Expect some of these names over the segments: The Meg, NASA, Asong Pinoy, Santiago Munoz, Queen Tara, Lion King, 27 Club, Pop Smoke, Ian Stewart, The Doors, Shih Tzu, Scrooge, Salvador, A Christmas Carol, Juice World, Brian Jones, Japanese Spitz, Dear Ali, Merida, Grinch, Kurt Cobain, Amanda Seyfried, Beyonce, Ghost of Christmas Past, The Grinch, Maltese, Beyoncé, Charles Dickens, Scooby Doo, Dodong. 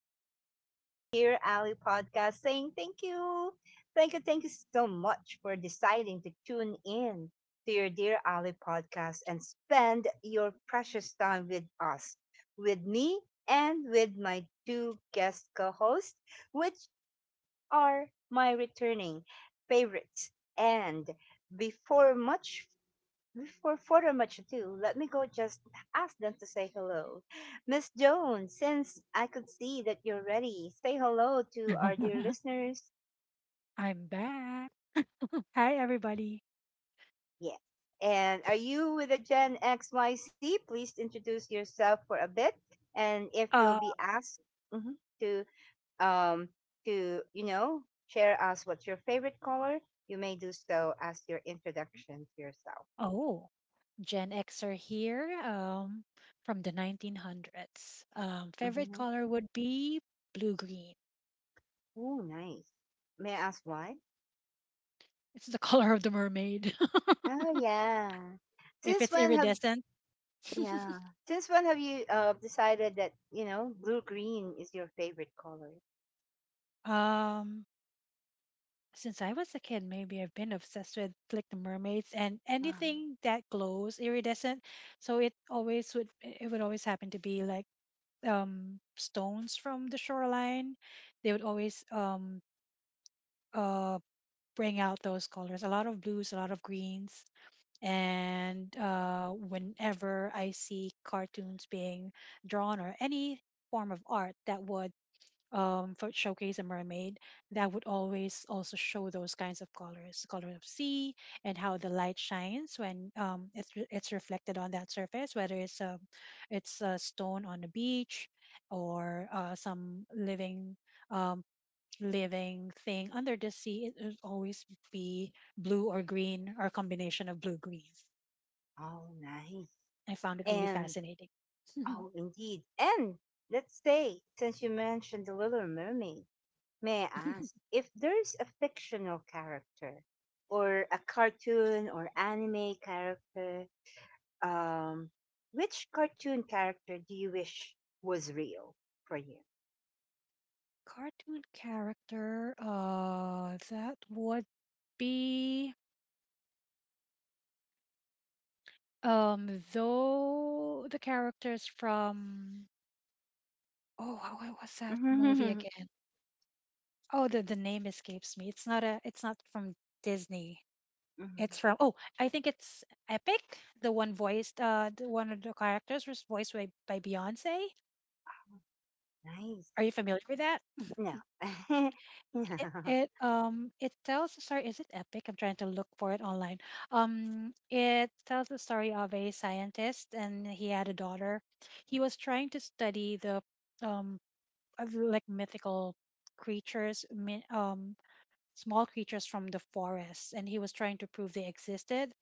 again on your Dear Ali podcast saying thank you. Thank you so much for deciding to tune in to your Dear Ali podcast and spend your precious time with us, with me, and with my two guest co hosts, which are my returning favorites. And before much for further much ado, let me go just ask them to say hello. Miss Jones, since I could see that you're ready, say hello to our dear listeners. I'm back. Hi, everybody. Yeah. And are you with a Gen XYZ? Please introduce yourself for a bit. And if you'll Uh, be asked, mhm, to, um, to share us what's your favorite color, you may do so as your introduction to yourself. oh, Gen Xer here, from the 1900s. Favorite Hmm. color would be blue green. Oh, nice. May I ask why? It's the color of the mermaid. Oh yeah. If Since it's when have iridescent. yeah? Since when have you decided that, you know, blue green is your favorite color? um, since I was a kid, maybe I've been obsessed with like the mermaids and Ah, anything that glows iridescent. So it always would, it would always happen to be like stones from the shoreline. They would always uh, bring out those colors, a lot of blues, a lot of greens. And whenever I see cartoons being drawn, or any form of art that would, for showcase a mermaid, that would always also show those kinds of colors, the color of sea, and how the light shines when, it's, it's reflected on that surface, whether it's a stone on a beach, or some living, um, living thing under the sea, it will always be blue or green or a combination of blue greens. oh, nice. I found it really And fascinating. oh, indeed. And let's say, since you mentioned the Little Mermaid, may I ask if there's a fictional character or a cartoon or anime character? Um, which cartoon character do you wish was real for you? Cartoon character, that would be, though the characters from, oh, how, what was that movie again? Oh, the name escapes me. It's not a it's not from Disney. Mhm. It's from, oh, I think it's Epic, the one voiced, the one of the characters was voiced by, Beyonce. Nice. Are you familiar with that? No. no. It tells the story. Is it Epic? I'm trying to look for it online. It tells the story of a scientist and he had a daughter. He was trying to study the, um of like mythical creatures, small creatures from the forest, and he was trying to prove they existed,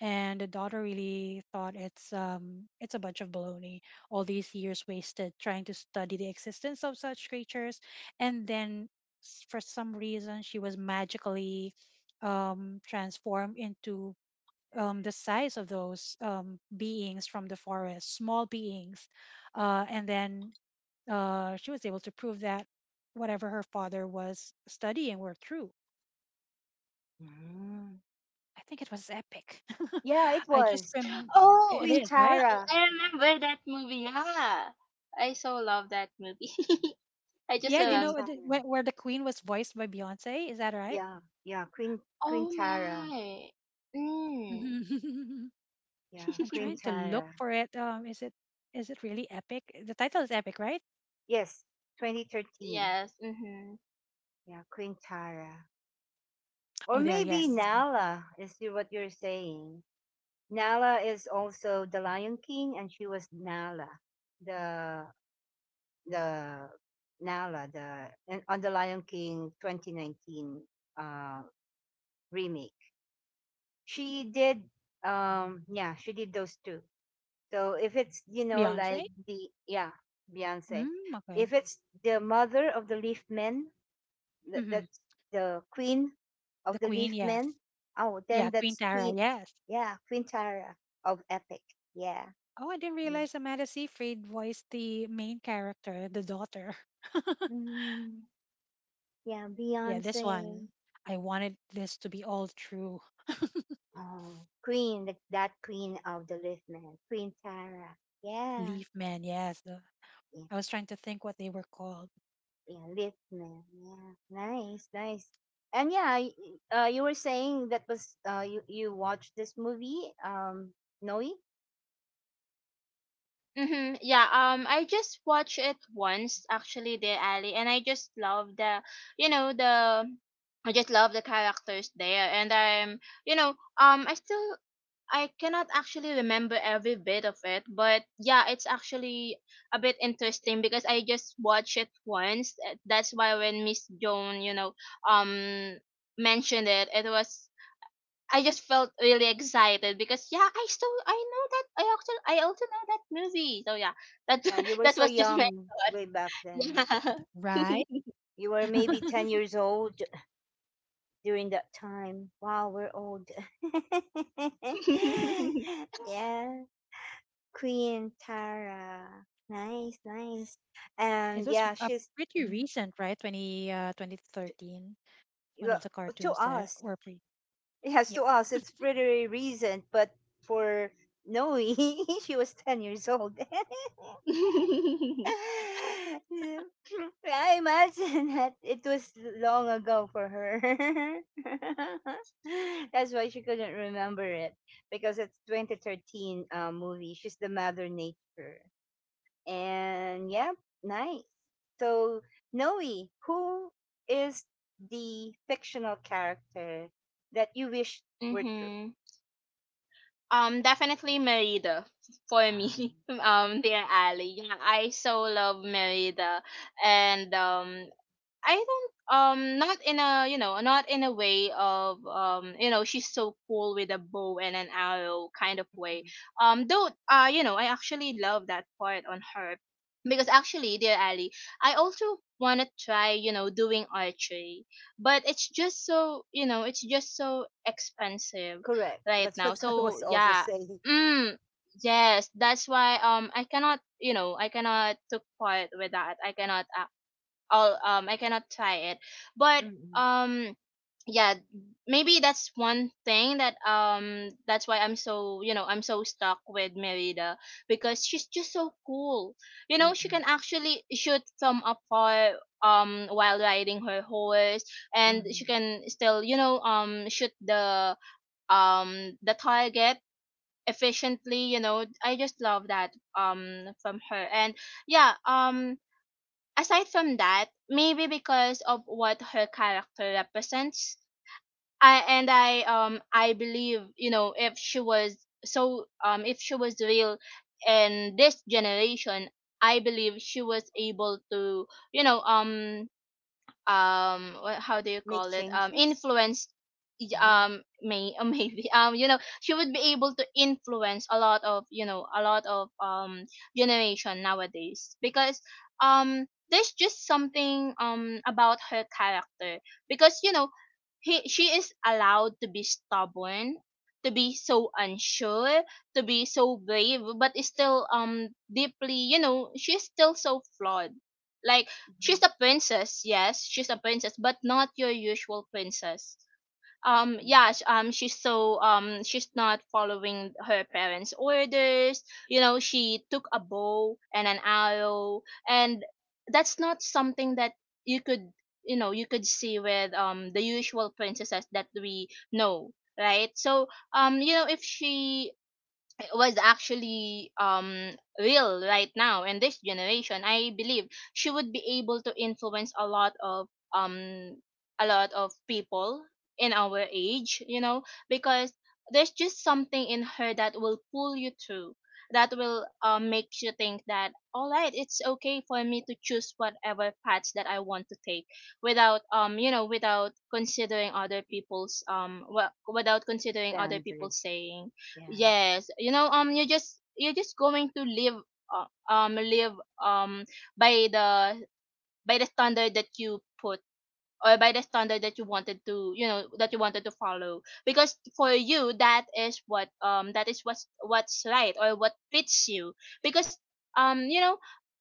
and the daughter really thought it's, it's a bunch of baloney, all these years wasted trying to study the existence of such creatures. And then, for some reason she was magically transformed into the size of those beings from the forest, small beings. And then She was able to prove that whatever her father was studying were true. Mm. I think it was Epic. Yeah, it I just was remember Oh, it Queen is right. Tara. I remember that movie. Yeah, I so love that movie. I just Yeah, you Queen remember. know the- Tara. Where the Queen was voiced by Beyonce. Is that right? Yeah, yeah, Queen Oh Tara. my. Mm. I'm Yeah, Queen trying to look Tara. for it. Is it, is it really Epic? The title is Epic, right? Yes, 2013. Yes. Mhm. Yeah, Queen Tara. Or Oh, there, maybe yes. Nala is what you're saying. Nala is also the Lion King, and she was Nala, the the Nala, the and on the Lion King 2019 uh remake. She did, um, yeah, she did those two. So if it's, you know, Beyonce. like, the yeah, Beyonce, Mm, okay. if it's the mother of the leaf men, Hmm. that's the queen of The the Queen, leaf men. yes. Oh, Yeah, then Queen that's Tara, Queen, yes. yeah, Queen Tara of Epic. Yeah. Oh, I didn't Yeah, realize Amanda Seyfried voiced the main character, the daughter. mm, yeah, Yeah, this Beyonce. one. I wanted this to be all true. Oh queen the, that queen of the leaf men, Queen Tara. Yeah. Leaf Man, yes. The, Yeah. I was trying to think what they were called. Yeah, Litman. Yeah, nice, nice. And yeah, you were saying that was, you watched this movie, Noe. Mhm. Yeah. I just watched it once, actually, Dear Ali, and I just love the. I just love the characters there, and you know, um, I still I cannot actually remember every bit of it, but yeah, it's actually a bit interesting because I just watched it once. That's why when Miss Joan, um, mentioned it, it was I just felt really excited because yeah, I know that I also know that movie. So yeah, that Yeah, you were that so was just my young way back then. thought. Yeah. Right? You were maybe ten years old during that time. Wow, we're old. yeah, Queen Tara. Nice, nice. It And was, yeah, she's, pretty mm, recent, right? 2013. One of well, the to cartoons that us. were pretty. Yes, Yeah, to us, it's pretty recent, but for Noe, she was 10 years old. Yeah. I imagine that it was long ago for her. That's why she couldn't remember it, because it's 2013 movie. She's the Mother Nature. And yeah, nice. So, Noe, who is the fictional character that you wish were true? Mhm. Definitely Merida for me. Ah. Dear Ali, yeah, I so love Merida, and I don't not in a not in a way of you know, she's so cool with a bow and an arrow kind of way. Though you know, I actually love that part on her because actually, dear Ali, I also want to try, you know, doing archery, but it's just so, you know, it's just so expensive Correct. right That's what now. I So was also yeah. saying. Mm, yes, that's why I cannot, you know, I cannot took part with that. I cannot try it. But Mm-mm. um yeah, maybe that's one thing that that's why I'm so, you know, I'm so stuck with Merida because she's just so cool. You know, she Mm-mm. can actually shoot from afar while riding her horse, and she Mm-mm. can still, you know, shoot the target efficiently. You know, I just love that from her. And yeah, aside from that, maybe because of what her character represents, I and I I believe, you know, if she was if she was real in this generation, I believe she was able to, you know, what, how do you Make call it, changes. influenced y- Uh-huh. May maybe, you know, she would be able to influence a lot of, you know, a lot of generation nowadays, because um there's just something about her character, because you know, he she is allowed to be stubborn, to be so unsure, to be so brave, but is still deeply, you know, she's still so flawed, like Mhm. she's a princess. Yes, she's a princess, but not your usual princess. Mm She's so she's not following her parents' orders. You know, she took a bow and an arrow, and that's not something that you could, you know, you could see with the usual princesses that we know, right? So you know, if she was actually real right now in this generation, I believe she would be able to influence um a lot of people in our age, you know, because there's just something in her that will pull you through, that will make you think that, all right, it's okay for me to choose whatever paths that I want to take without you know, without considering other people's without considering other Standard. people's saying. Yeah. Yes, you know, you're just going to live, live, um, by the standard that you put, or by the standard that you wanted to, you know, that you wanted to follow. Because for you, that is what, that is what's right or what fits you. Because, you know,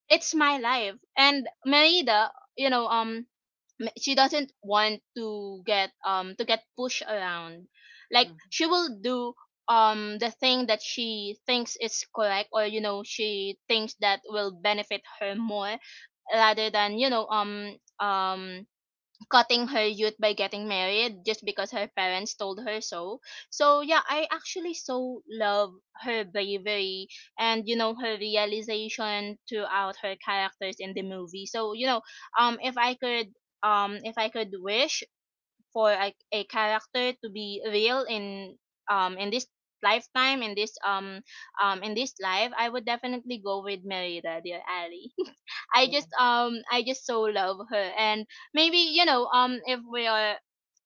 it's my life, and Merida, you know, she doesn't want to get pushed around. Mhm. Like she will do the thing that she thinks is correct, or you know, she thinks that will benefit her more rather than, you know, cutting her youth by getting married just because her parents told her so. So yeah, I actually so love her bravery and, you know, her realization throughout her characters in the movie. So you know, um, if I could, if I could wish for a character to be real in this lifetime, in this life. I would definitely go with Merida, dear Ali. Yeah. I just so love her. And maybe, you know, if we are,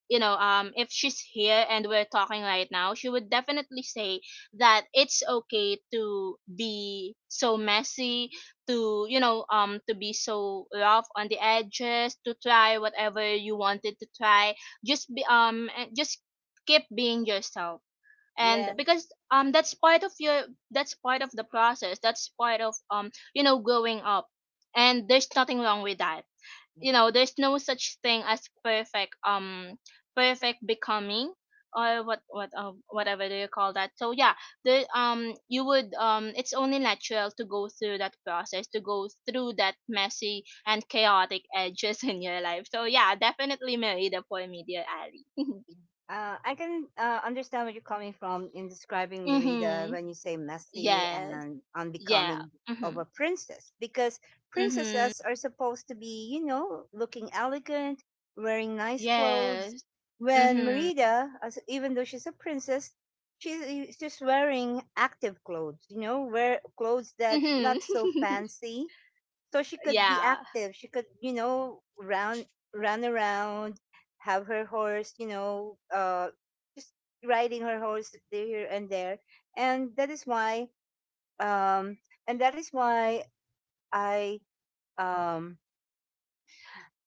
if she's here and we're talking right now, she would definitely say that it's okay to be so messy, to to be so rough on the edges, to try whatever you wanted to try, just be and just keep being yourself. And Yes. because that's part of your, that's part of the process, that's part of, you know, growing up, and there's nothing wrong with that. You Yes. know, there's no such thing as perfect, perfect becoming, or whatever do you call that. So yeah, the you would it's only natural to go through that process, to go through that messy and chaotic edges in your life. So yeah, definitely Married for me, dear Ali. I can understand where you're coming from in describing Merida Mhm. when you say messy Yes. and Yeah. unbecoming of Mm-hmm. a princess, because Mm-hmm. princesses are supposed to be, you know, looking elegant, wearing nice clothes. Yes. When Mm-hmm. Merida, as, even though she's a princess, she's wearing active clothes, you know, wear clothes that not so Mm-hmm. fancy, so she could be Yeah. active. She could, you know, run around, have her horse, you know, just riding her horse here and there. And that is why, um, and that is why I, um,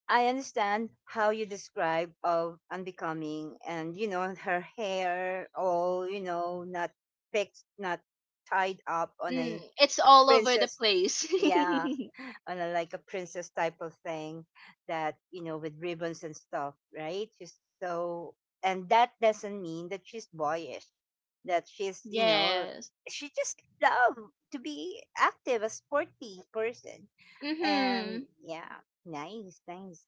I understand how you describe of unbecoming, and you know, her hair all, you know, not fixed, not tied up on Mm. a It's all over the princess. place. Yeah, on a like a princess type of thing that you know with ribbons and stuff, right? She's so, and that doesn't mean that she's boyish, that she's, you know, Yes. she just love to be active, a sporty person, and Mm-hmm. yeah, nice, nice.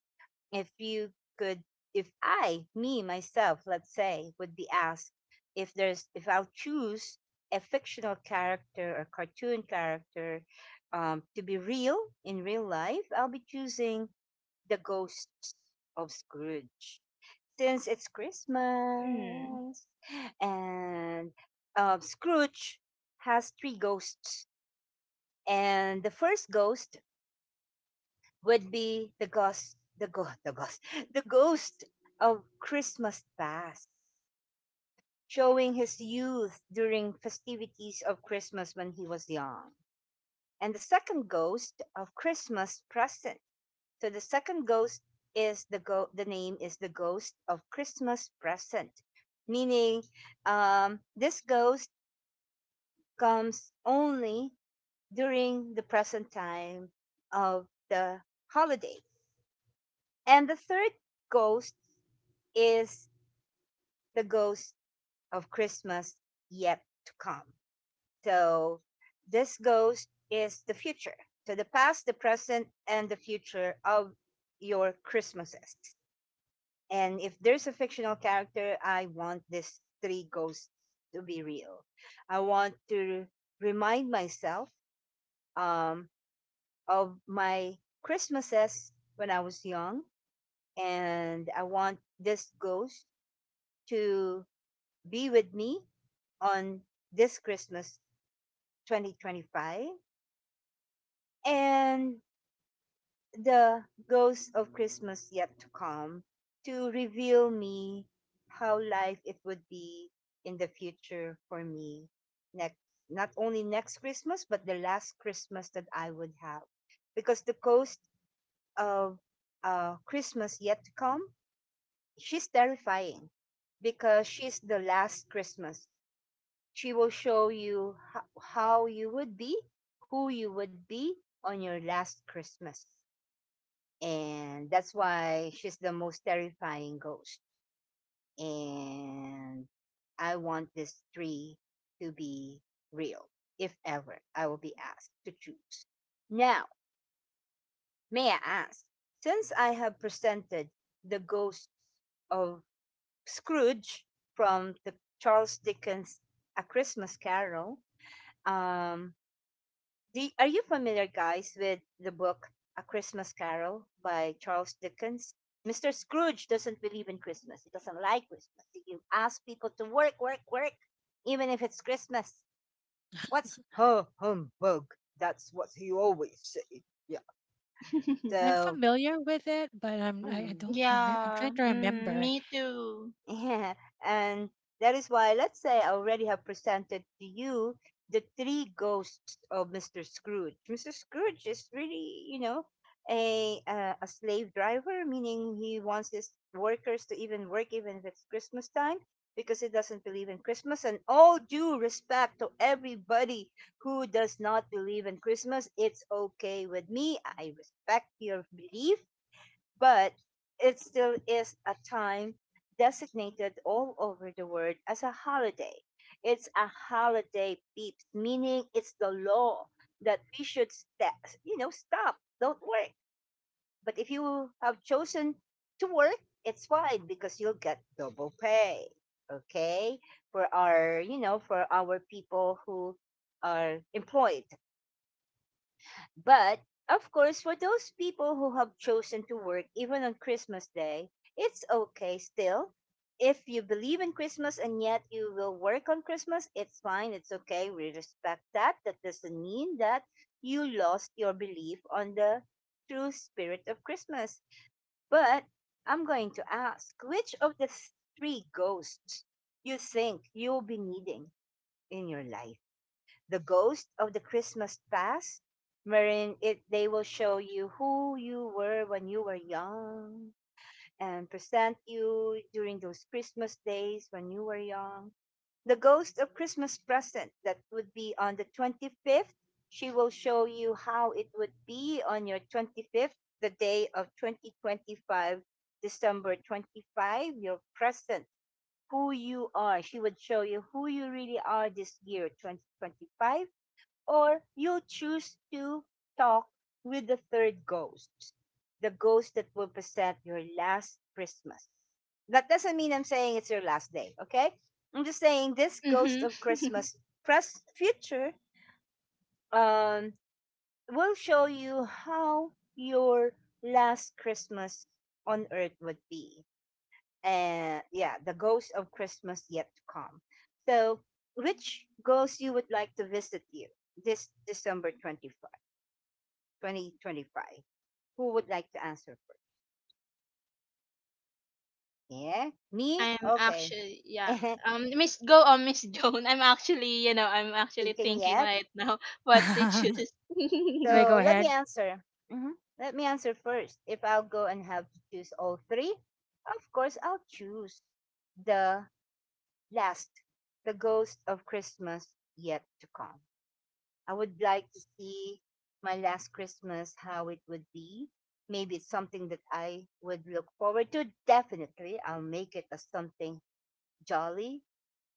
If you could, if I me myself, let's say, would be asked if there's if I'll choose a fictional character or cartoon character, to be real in real life, I'll be choosing the ghost of Scrooge, since it's Mm. Christmas. And, Scrooge has three ghosts. And the first ghost would be the ghost, the ghost, the ghost, the ghost of Christmas past, showing his youth during festivities of Christmas when he was young, and the second ghost of Christmas present. So the second ghost is the go- the name is the ghost of Christmas present, meaning, this ghost comes only during the present time of the holiday. And the third ghost is the ghost of Christmas yet to come. So this ghost is the future. So the past, the present, and the future of your Christmases. And if there's a fictional character, I want these three ghosts to be real. I want to remind myself, um, of my Christmases when I was young. And I want this ghost to be with me on this Christmas 2025, and the ghosts of Christmas yet to come to reveal me how life it would be in the future for me, next not only next Christmas, but the last Christmas that I would have, because the ghost of, Christmas yet to come, she's terrifying because she's the last Christmas. She will show you how you would be, who you would be on your last Christmas. And that's why she's the most terrifying ghost. And I want this tree to be real, if ever I will be asked to choose. Now, may I ask, since I have presented the ghosts of Scrooge from the Charles Dickens A Christmas Carol, um, are you familiar, guys, with the book A Christmas Carol by Charles Dickens? Mr. Scrooge doesn't believe in Christmas. He doesn't like Christmas. He asks people to work, even if it's Christmas. What's ho humbug? That's what he always say. Yeah. I'm So, familiar with it, but I mm, don't remember. I'm Yeah. trying to Mm, remember. me too. yeah, and that is why, let's say, I already have presented to you the three ghosts of Mr. Scrooge. Mr. Scrooge is really, you know, a slave driver, meaning he wants his workers to even work even if it's Christmas time, because he doesn't believe in Christmas. And all due respect to everybody who does not believe in Christmas, it's okay with me. I respect your belief, but it still is a time designated all over the world as a holiday. It's a holiday peeps, meaning it's the law that we should you know, stop, don't work. But if you have chosen to work, it's fine because you'll get double pay. Okay, for our, you know, for our people who are employed, but of course, for those people who have chosen to work even on Christmas Day, it's okay still. If you believe in Christmas and yet you will work on Christmas, it's fine. It's okay. We respect that. That doesn't mean that you lost your belief on the true spirit of Christmas. But I'm going to ask, which of the three ghosts you think you'll be needing in your life? The ghost of the Christmas past, wherein it they will show you who you were when you were young and present you during those Christmas days when you were young. The ghost of Christmas present, that would be on the 25th, she will show you how it would be on your 25th, the day of 2025, December 25, your present, who you are. She would show you who you really are this year, 2025, or you choose to talk with the third ghost, the ghost that will present your last Christmas. That doesn't mean I'm saying it's your last day, okay? I'm just saying this ghost Mm-hmm. of Christmas future, um, will show you how your last Christmas on earth would be. And yeah, the ghost of Christmas yet to come. So, which ghost you would like to visit you this December 24? 2025? Who would like to answer first? Yeah, me? I'm Okay. actually, yeah. Miss go on Miss Joan. I'm actually, you know, I'm actually Thinking thinking yet? right now what to choose. Do I go So let me ahead? answer. Mhm. Let me answer first. If I'll go and have to choose all three, of course, I'll choose the last, the ghost of Christmas yet to come. I would like to see my last Christmas, how it would be. Maybe it's something that I would look forward to. Definitely, I'll make it as something jolly,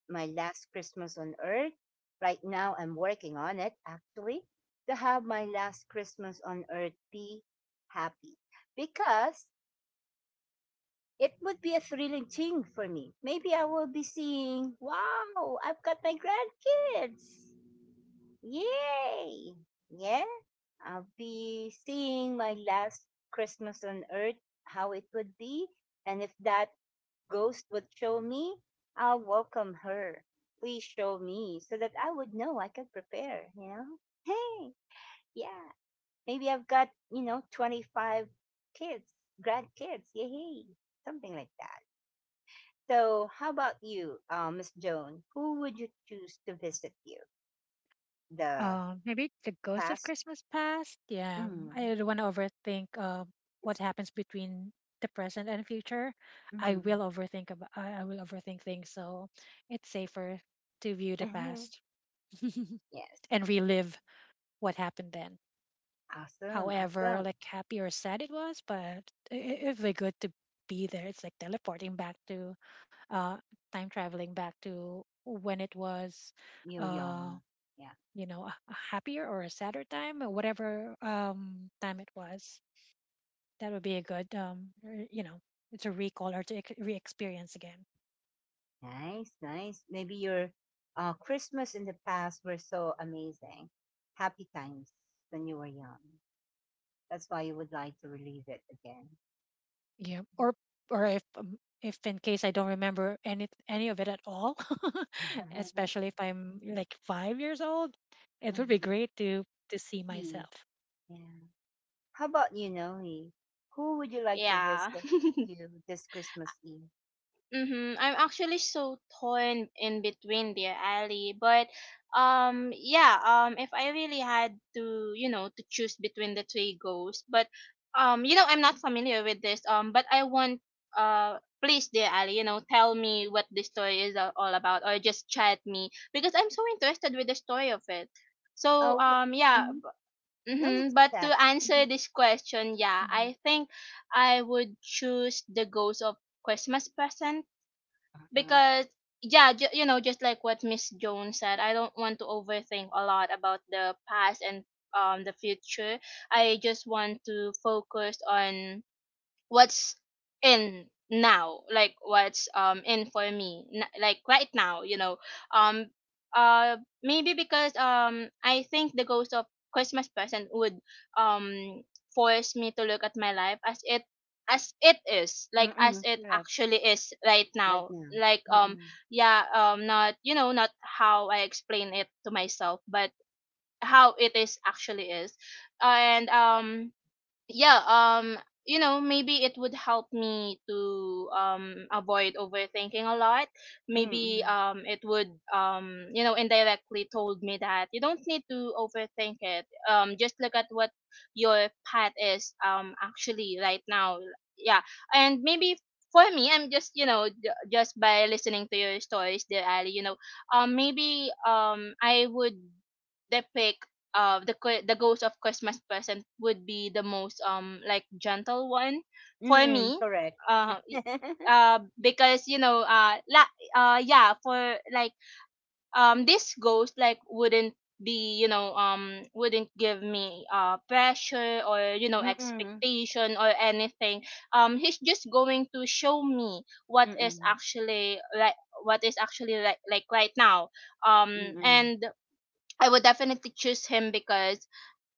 my last Christmas on earth. Right now, I'm working on it actually to have my last Christmas on earth be happy, because it would be a thrilling thing for me. Maybe I will be seeing, wow, I've got my grandkids. Yay! Yeah, I'll be seeing my last Christmas on earth, how it would be. And if that Ghost would show me, I'll welcome her. Please show me so that I would know I could prepare, you know? Hey, yeah. Maybe I've got, you know, 25 kids, grandkids, yay, something like that. So, how about you, Miss Joan? Who would you choose to visit you? The Maybe the Ghost of past? Christmas Past. Yeah, Mm, I don't want to overthink what happens between the present and future. I mm, will overthink about. I will overthink things, so it's safer to view the past. yes. And relive what happened then. Awesome, awesome. However like happy or sad it was, but it was good to be there. It's like teleporting back to, uh time traveling back to when it was, Yo, uh young. Yeah. you know, a happier or a sadder time, or whatever time it was, that would be a good, you know, it's a recall, or to re-experience again. Nice, nice. Maybe your, Christmas in the past were so amazing. Happy times when you were young. That's why you would like to relive it again. Yeah, or if, if in case I don't remember any of it at all, especially if I'm like 5 years old, it would be Mhm. great to see See, myself. yeah. How about you, Noe? Who would you like to Yeah. visit you this Christmas Eve? Mm-hmm. I'm actually so torn in between, dear Ali. But yeah, if I really had to, you know, to choose between the three goals, but you know, I'm not familiar with this. But I want please, dear Ali, you know, tell me what this story is all about, or just chat me because I'm so interested with the story of it. So Oh, yeah, mm no need mm-hmm. to But to chat. answer Mhm, this question, yeah, mhm. I think I would choose the goals of Christmas present Uh-huh. because yeah, you know, just like what Miss Jones said, I don't want to overthink a lot about the past and the future. I just want to focus on what's in now, like what's in for me, like right now, you know, um uh maybe because I think the ghost of Christmas present would um force me to look at my life as it, as it is, like as Mm-mm, it correct. actually is right Right now. now. Like Mm-mm. yeah, not, you know, not how I explain it to myself, but how it is actually is. And yeah, you know, maybe it would help me to avoid overthinking a lot. Maybe Mm-mm. It would you know, indirectly told me that you don't need to overthink it, just look at what your path is actually right now. Yeah. And maybe for me, I'm just, you know, just by listening to your stories, dear Ali, you know, maybe I would depict the ghost of Christmas present would be the most like gentle one for Mm-mm, me. correct. Uh y- because you know, la yeah, for like, this ghost like wouldn't be, you know, wouldn't give me pressure or you know, Mm-mm. Mm-mm. expectation or anything. He's just going to show me what is actually, like what is actually, like right now. Mm-mm. And I would definitely choose him because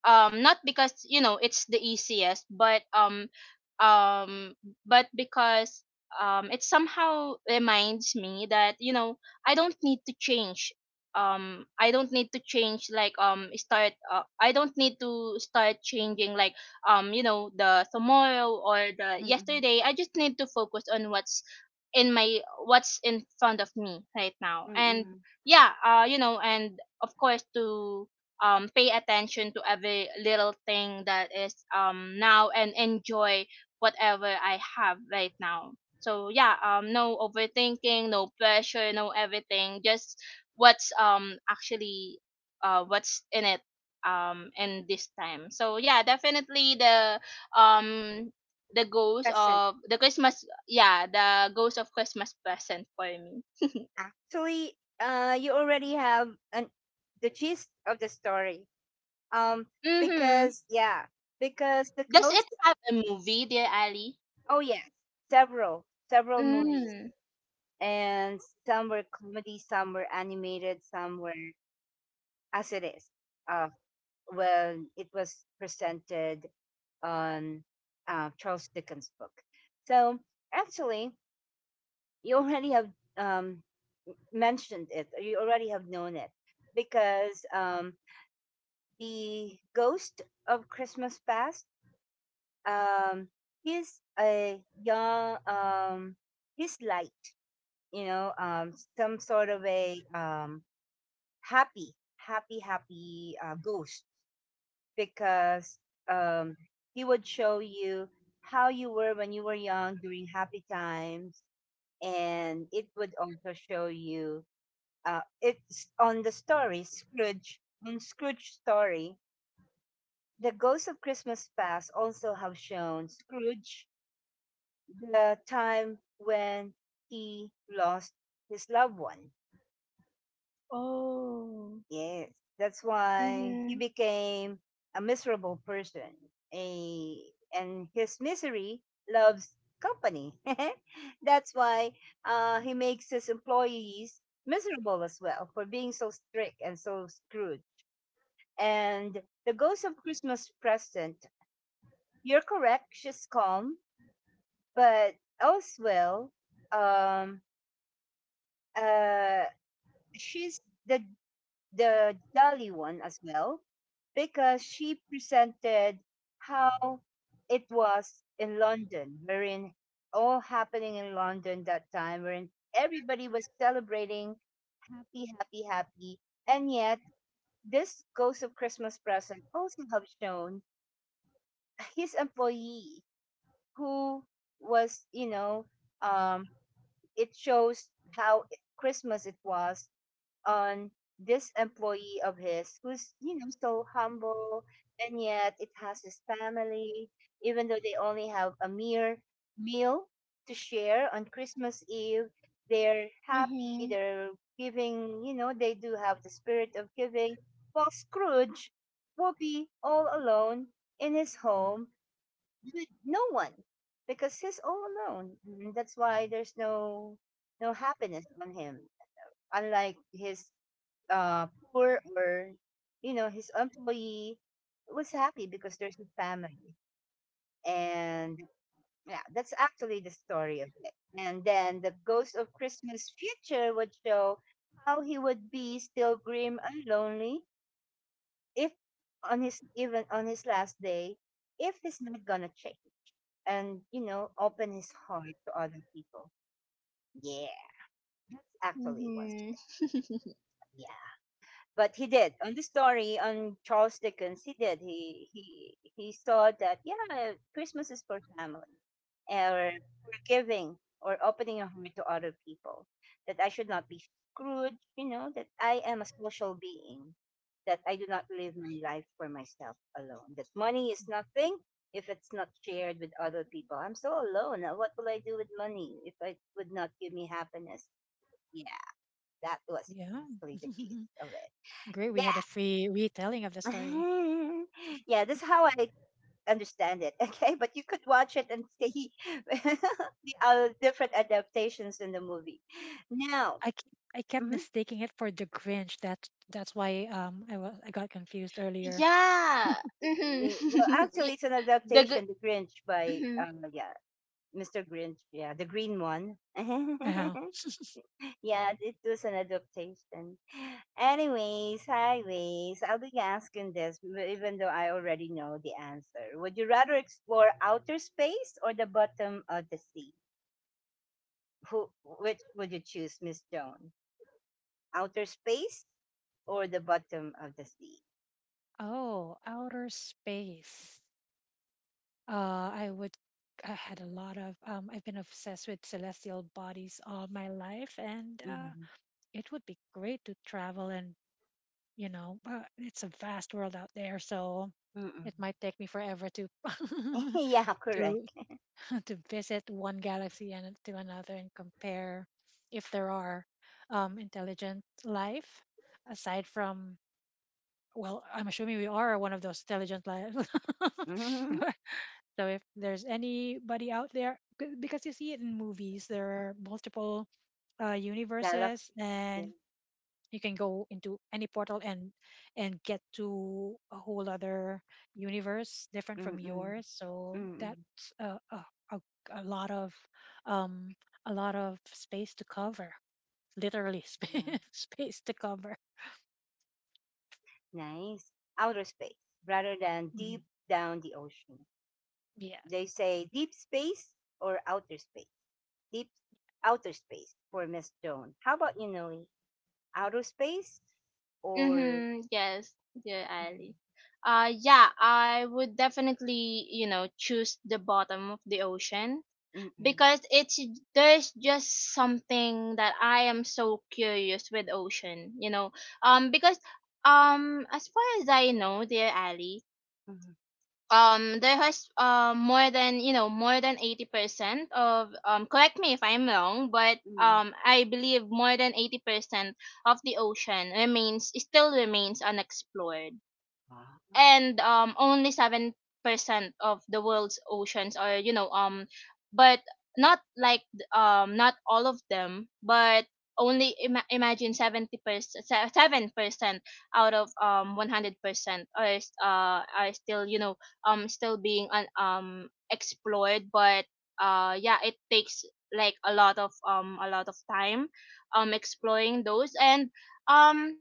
not because you know, it's the easiest, um but because it somehow reminds me that, you know, I don't need to change, I don't need to change, like start I don't need to start changing, like you know, the tomorrow or the Mm-mm, yesterday. I just need to focus on what's in my what's in front of me right now. And mm-mm. yeah, you know, and of course, to pay attention to every little thing that is now, and enjoy whatever I have right now. So yeah, no overthinking, no pressure, no everything. Just what's actually, what's in it, in this time. So yeah, definitely um the ghost Present. of the Christmas yeah the ghost of Christmas present for me. Actually, you already have an the gist of the story. Um, Mhm. because yeah, because the Does it most, have a movie, dear Ali? oh yes, several movies, Mm. and some were comedy, some were animated, some were as it is. Uh, well, it was presented on Charles Dickens' book. So actually, you already have um, mentioned it, or you already have known it, because the Ghost of Christmas Past, um, he's a young, he's light, some sort of a, happy ghost, because um, he would show you how you were when you were young during happy times, and it would also show you. It's on the story Scrooge. In Scrooge's story, the Ghost of Christmas Past also have shown Scrooge the time when he lost his loved one. Oh. Yes, that's why he Mhm. became a miserable person. A and his misery loves company. That's why he makes his employees miserable as well, for being so strict and so screwed. And the Ghost of Christmas Present, you're correct, she's calm, but Elsewell, um, uh, she's the jolly one as well, because she presented how it was in London, wherein all happening in London that time, wherein everybody was celebrating, happy, happy, happy. And yet, this Ghost of Christmas Present also have shown his employee, who was, um it shows how Christmas it was on this employee of his, who's so humble, and yet it has his family. Even though they only have a mere meal to share on Christmas Eve, they're happy, Mhm. they're giving, they do have the spirit of giving, while Scrooge will be all alone in his home, no one, because he's all alone, and that's why there's no happiness on him, unlike his poor, or his employee was happy because there's a family. And yeah, that's actually the story of it. And then the Ghost of Christmas Future would show how he would be still grim and lonely if, on his last day, if he's not gonna change and open his heart to other people. Yeah, that's actually what's... Mhm. Yeah, but he did on the story on Charles Dickens. He did. He saw that, yeah, Christmas is for family, or for giving, or opening your heart to other people. That I should not be screwed. You know that I am a social being. That I do not live my life for myself alone. That money is nothing if it's not shared with other people. I'm so alone. Now, what will I do with money if it would not give me happiness? Yeah, that was Yeah, really the gist of it. great. We had a Yeah. free retelling of the story. Yeah, this is how I understand it. Okay, but you could watch it and see the different adaptations in the movie. Now, I kept mhm. mistaking it for the Grinch. That's why I was, I got confused earlier. Yeah. Mhm. Well, Y- actually, it's an the good. adaptation, The Grinch by Mhm. Yeah, Mr. Grinch, yeah, the green one. Uh-huh. Yeah, it was an adaptation. Anyways, highways. I'll be asking this, even though I already know the answer. Would you rather explore outer space or the bottom of the sea? Who? Which would you choose, Miss Joan? Outer space or the bottom of the sea? Oh, outer space. I would. I had a lot of. I've been obsessed with celestial bodies all my life, and, Mm-hmm. it would be great to travel. And you know, it's a vast world out there, so Mm-mm. it might take me forever to Yeah, to correct. to visit one galaxy and to another, and compare if there are, intelligent life aside from. Well, I'm assuming we are one of those intelligent lives. Mm-hmm. So if there's anybody out there, because you see it in movies, there are multiple, universes, Galaxies. Yeah. and you can go into any portal and get to a whole other universe different from Mm-mm. yours. So Mm-mm. that's a, a lot of um a lot of space to cover, literally, Yeah. space space to cover. Nice. Outer space rather than Mhm. deep down the ocean. Yes. They say deep space or outer space. Deep outer space for Miss Joan. How about you, Noe? Outer space or? Mhm. Yes. Dear Mm-mm. Ali. Yeah, I would definitely, you know, choose the bottom of the ocean Mm-mm. because it's, there's just something that I am so curious with ocean, you know. Because as far as I know, dear Ali, Mm-mm. There has, more than, more than 80% of, correct me if I'm wrong, but Mm-mm. I believe more than 80% of the ocean remains still remains unexplored. Ah. And only 7% of the world's oceans are, but not like, not all of them, but only, imagine, 70%, 7% out of 100%, are still, still being explored. But yeah, it takes, like, a lot of time exploring those. And um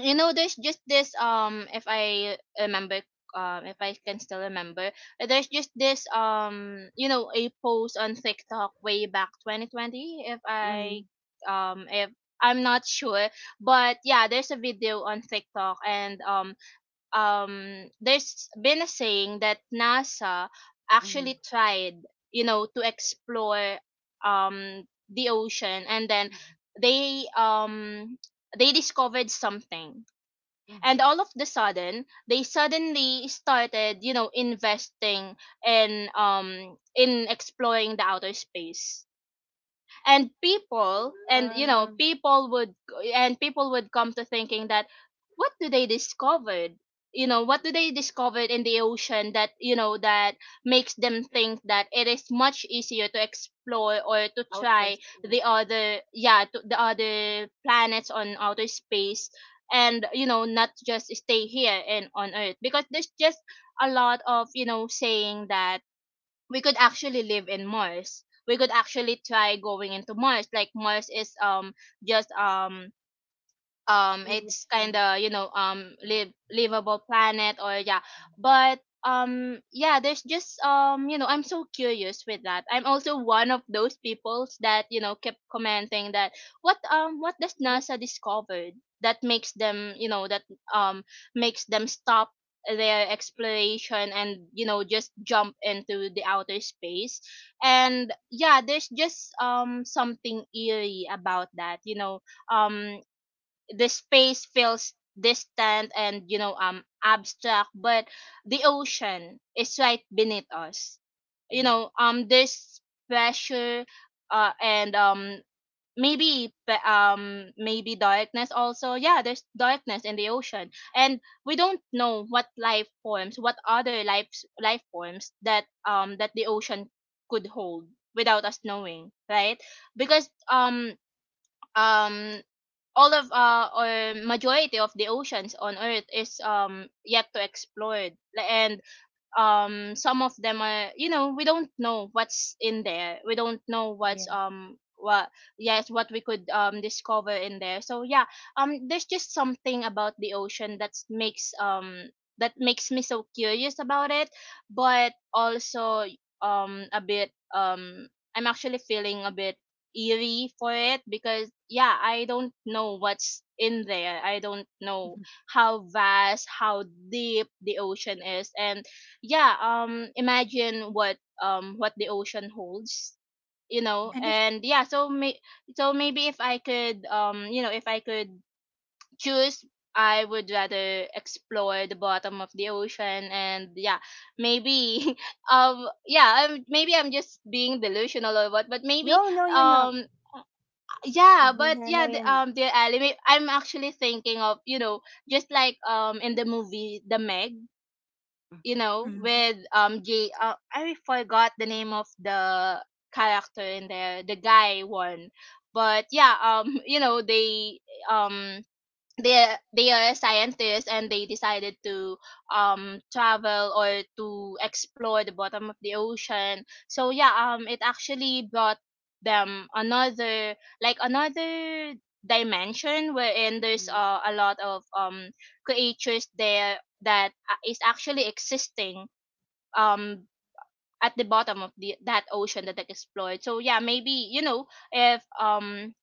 there's just this, if I can still remember, there's just this, a post on TikTok way back 2020, Mm-mm. If I'm not sure, but yeah, there's a video on TikTok. And there's been a saying that NASA Mhm, actually tried, to explore um the ocean, and then mhm, they um they discovered something. And mhm. all of the sudden, they suddenly started, investing in exploring the outer space. And Ah, people would come to thinking that, what do they discovered what do they discover in the ocean, that, makes them think that it is much easier to explore, or to outer try, the space. other yeah to, the other planets on outer space, and, not just stay here and on Earth, because there's just a lot of, saying that we could actually live in Mars. We could actually try going into Mars. Like, Mars is, just, An it's kind option. of, live livable planet, or yeah. But yeah, there's just you know I'm so curious with that. I'm also one of those peoples that, kept commenting that, what does Wait. NASA discovered, that um makes them stop their exploration, and, just jump into the outer space. And yeah, there's just something eerie about that, um the space feels distant and, abstract. But the ocean is right beneath us, you Yeah. know, there's pressure, and, maybe, maybe darkness also. Yeah, there's darkness in the ocean. And we don't know what life forms, what other life life forms that the ocean could hold without us knowing, right? Because, um all of or majority of the oceans on Earth is, yet to explored. And some of them are, we don't know what's in there. We don't know what's Yeah. What yes, what we could discover in there. So yeah, there's just something about the ocean that makes, that makes me so curious about it. But also, a bit I'm actually feeling a bit eerie for it, because yeah, I don't know what's in there. I don't know Mhm. how vast, how deep the ocean is. And yeah, imagine what, the ocean holds, you know. And if Mhm. And yeah, so may— so maybe if I could you know if I could choose, I would rather explore the bottom of the ocean. And yeah, maybe yeah, maybe I'm just being delusional, or what, but maybe, No, no, you're not. um yeah. But yeah, No, the, you're um not. the anime I'm actually thinking of, you know, just like, in the movie The Meg, you know, mm, with, J, I forgot the name of the character in there, the guy one. But yeah, um they are scientists, and they decided to travel, or to explore the bottom of the ocean. So yeah, it actually brought them another, like, another dimension, wherein there's, Mhm, a lot of creatures there that, is actually existing um at the bottom of the that ocean that they explored. So yeah, maybe, you know, if, um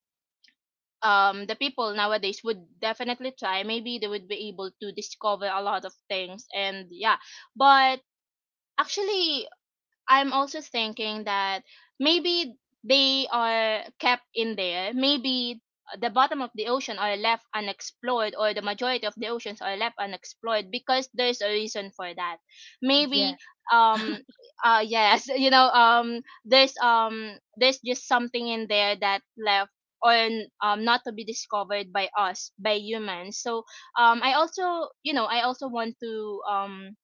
um the people nowadays would definitely try, maybe they would be able to discover a lot of things. And yeah. But actually, I'm also thinking that maybe they are kept in there. Maybe the bottom of the ocean are left unexplored, or the majority of the oceans are left unexplored, because there's a reason for that. Maybe, yes. um yes, there's just something in there that left, or, not to be discovered by us, by humans. So, I also want to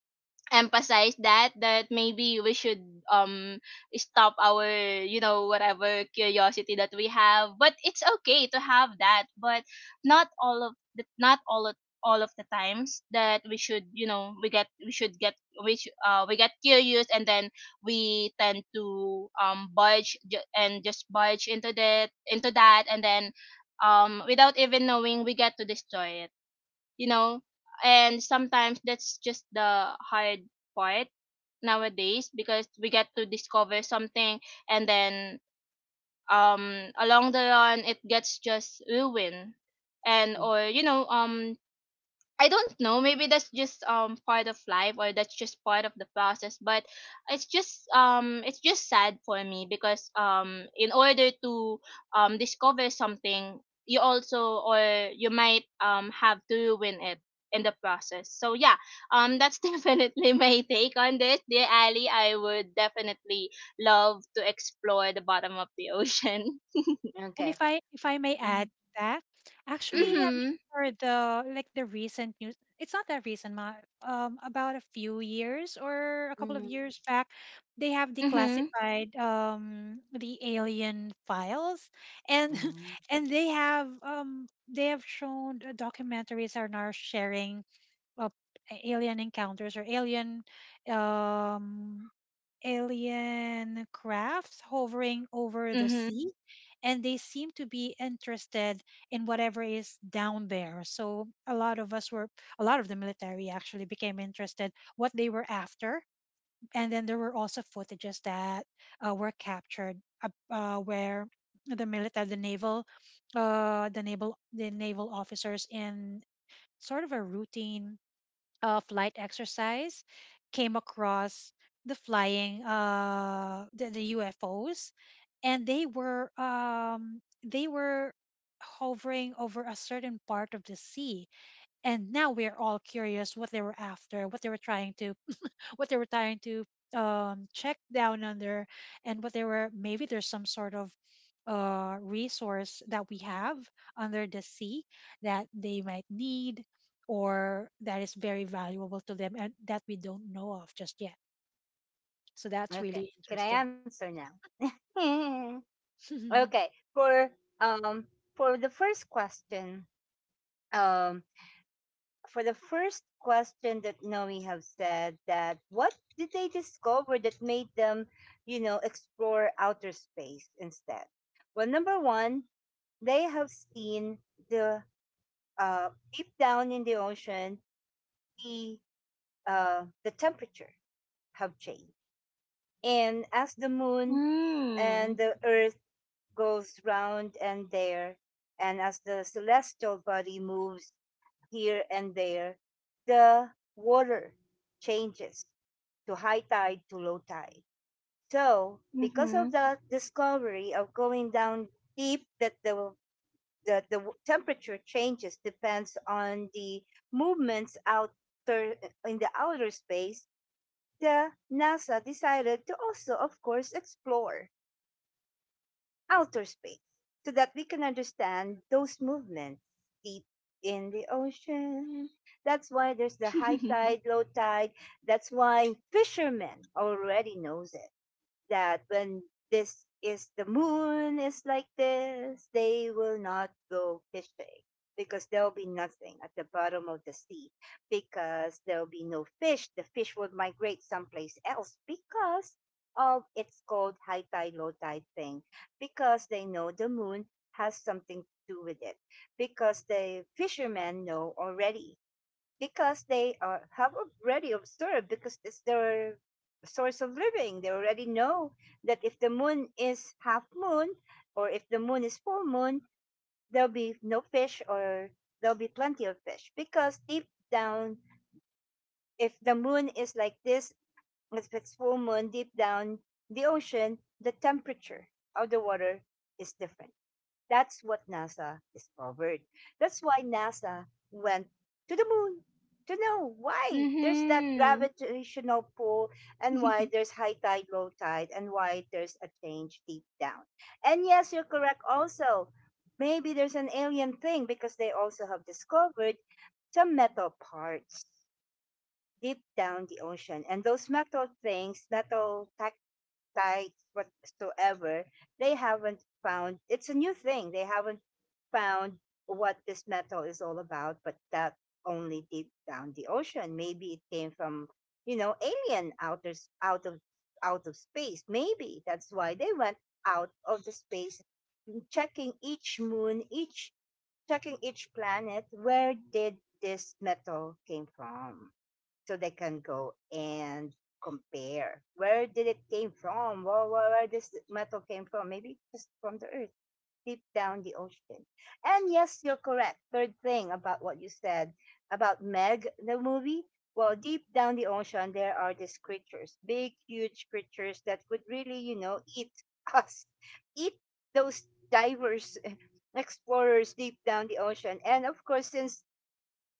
emphasize that, maybe we should, um stop our, whatever curiosity that we have. But it's okay to have that, but not all of the, not all of all of the times that we should you know we get we should get we get curious, and then we tend to budge ju- and just budge into that, and then, without even knowing, we get to destroy it, you know. And sometimes that's just the hard part nowadays, because we get to discover something, and then, along the run, it gets just ruined. And, or, mhm. I don't know. Maybe that's just part of life, or that's just part of the process. But it's just sad for me, because, in order to discover something, you also, or you might, have to ruin it in the process. So yeah, that's definitely my take on this, dear Ali. I would definitely love to explore the bottom of the ocean. And if I, Okay. if I may add to Mhm, that, actually mhm, having Mhm. heard the, like the recent news, it's not that recent, ma. About a few years or a couple of mhm, years back, they have Mhm. declassified the alien files, and mhm. and they have shown, documentaries are now sharing of alien encounters, or alien, um alien crafts hovering over the Mhm. sea, and they seem to be interested in whatever is down there. So a lot of us were, a lot of the military actually became interested what they were after. And then there were also footages that, were captured, where the military, the naval, the naval officers in sort of a routine of light exercise came across the flying, the UFOs, and they were hovering over a certain part of the sea, and now we're all curious what they were after, what they were trying to, what they were trying to check down under, and what they were, maybe there's some sort of, resource that we have under the sea that they might need, or that is very valuable to them and that we don't know of just yet. So that's Okay. really Can I interesting. answer now? Okay. For um for the first question, um that Noe have said, that what did they discover that made them, explore outer space instead? Well, number one, they have seen the deep down in the ocean, the the temperature have changed, and as the moon and Mm. the Earth goes round and there, and as the celestial body moves here and there, the water changes to high tide to low tide. So, because of Mhm. the discovery of going down deep, that the temperature changes depends on the movements outer in the outer space. The NASA decided to also, of course, explore outer space so that we can understand those movements deep in the ocean. That's why there's the high tide, low tide. That's why fishermen already knows it, that when this is the moon is like this, they will not go fishing, because there'll be nothing at the bottom of the sea, because there'll be no fish. The fish will migrate someplace else because of it's called high tide, low tide thing, because they know the moon has something to do with it, because the fishermen know already, because they have already observed, because it's their source of living, they already know that if the moon is half moon, or if the moon is full moon, there'll be no fish, or there'll be plenty of fish, because deep down, if the moon is like this, if it's full moon, deep down the ocean, the temperature of the water is different. That's what NASA discovered. That's why NASA went to the moon to know why there's that Mhm. gravitational pull, and why there's high tide, low tide, and why there's a change deep down. And yes, you're correct also. Maybe there's an alien thing, because they also have discovered some metal parts deep down the ocean. And those metal things, metal te sites whatsoever, they haven't found, it's a new thing. They haven't found what this metal is all about, but that only deep down the ocean. Maybe it came from, alien, out of out of space. Maybe that's why they went out of the space, checking each moon, each checking each planet. Where did this metal came from? So they can go and compare. Where did it came from? Where this metal came from? Maybe just from the earth, deep down the ocean. And yes, you're correct. Third thing about what you said about Meg, the movie. Well, deep down the ocean, there are these creatures, big, huge creatures that could really, eat us, eat those divers, explorers deep down the ocean. And of course, since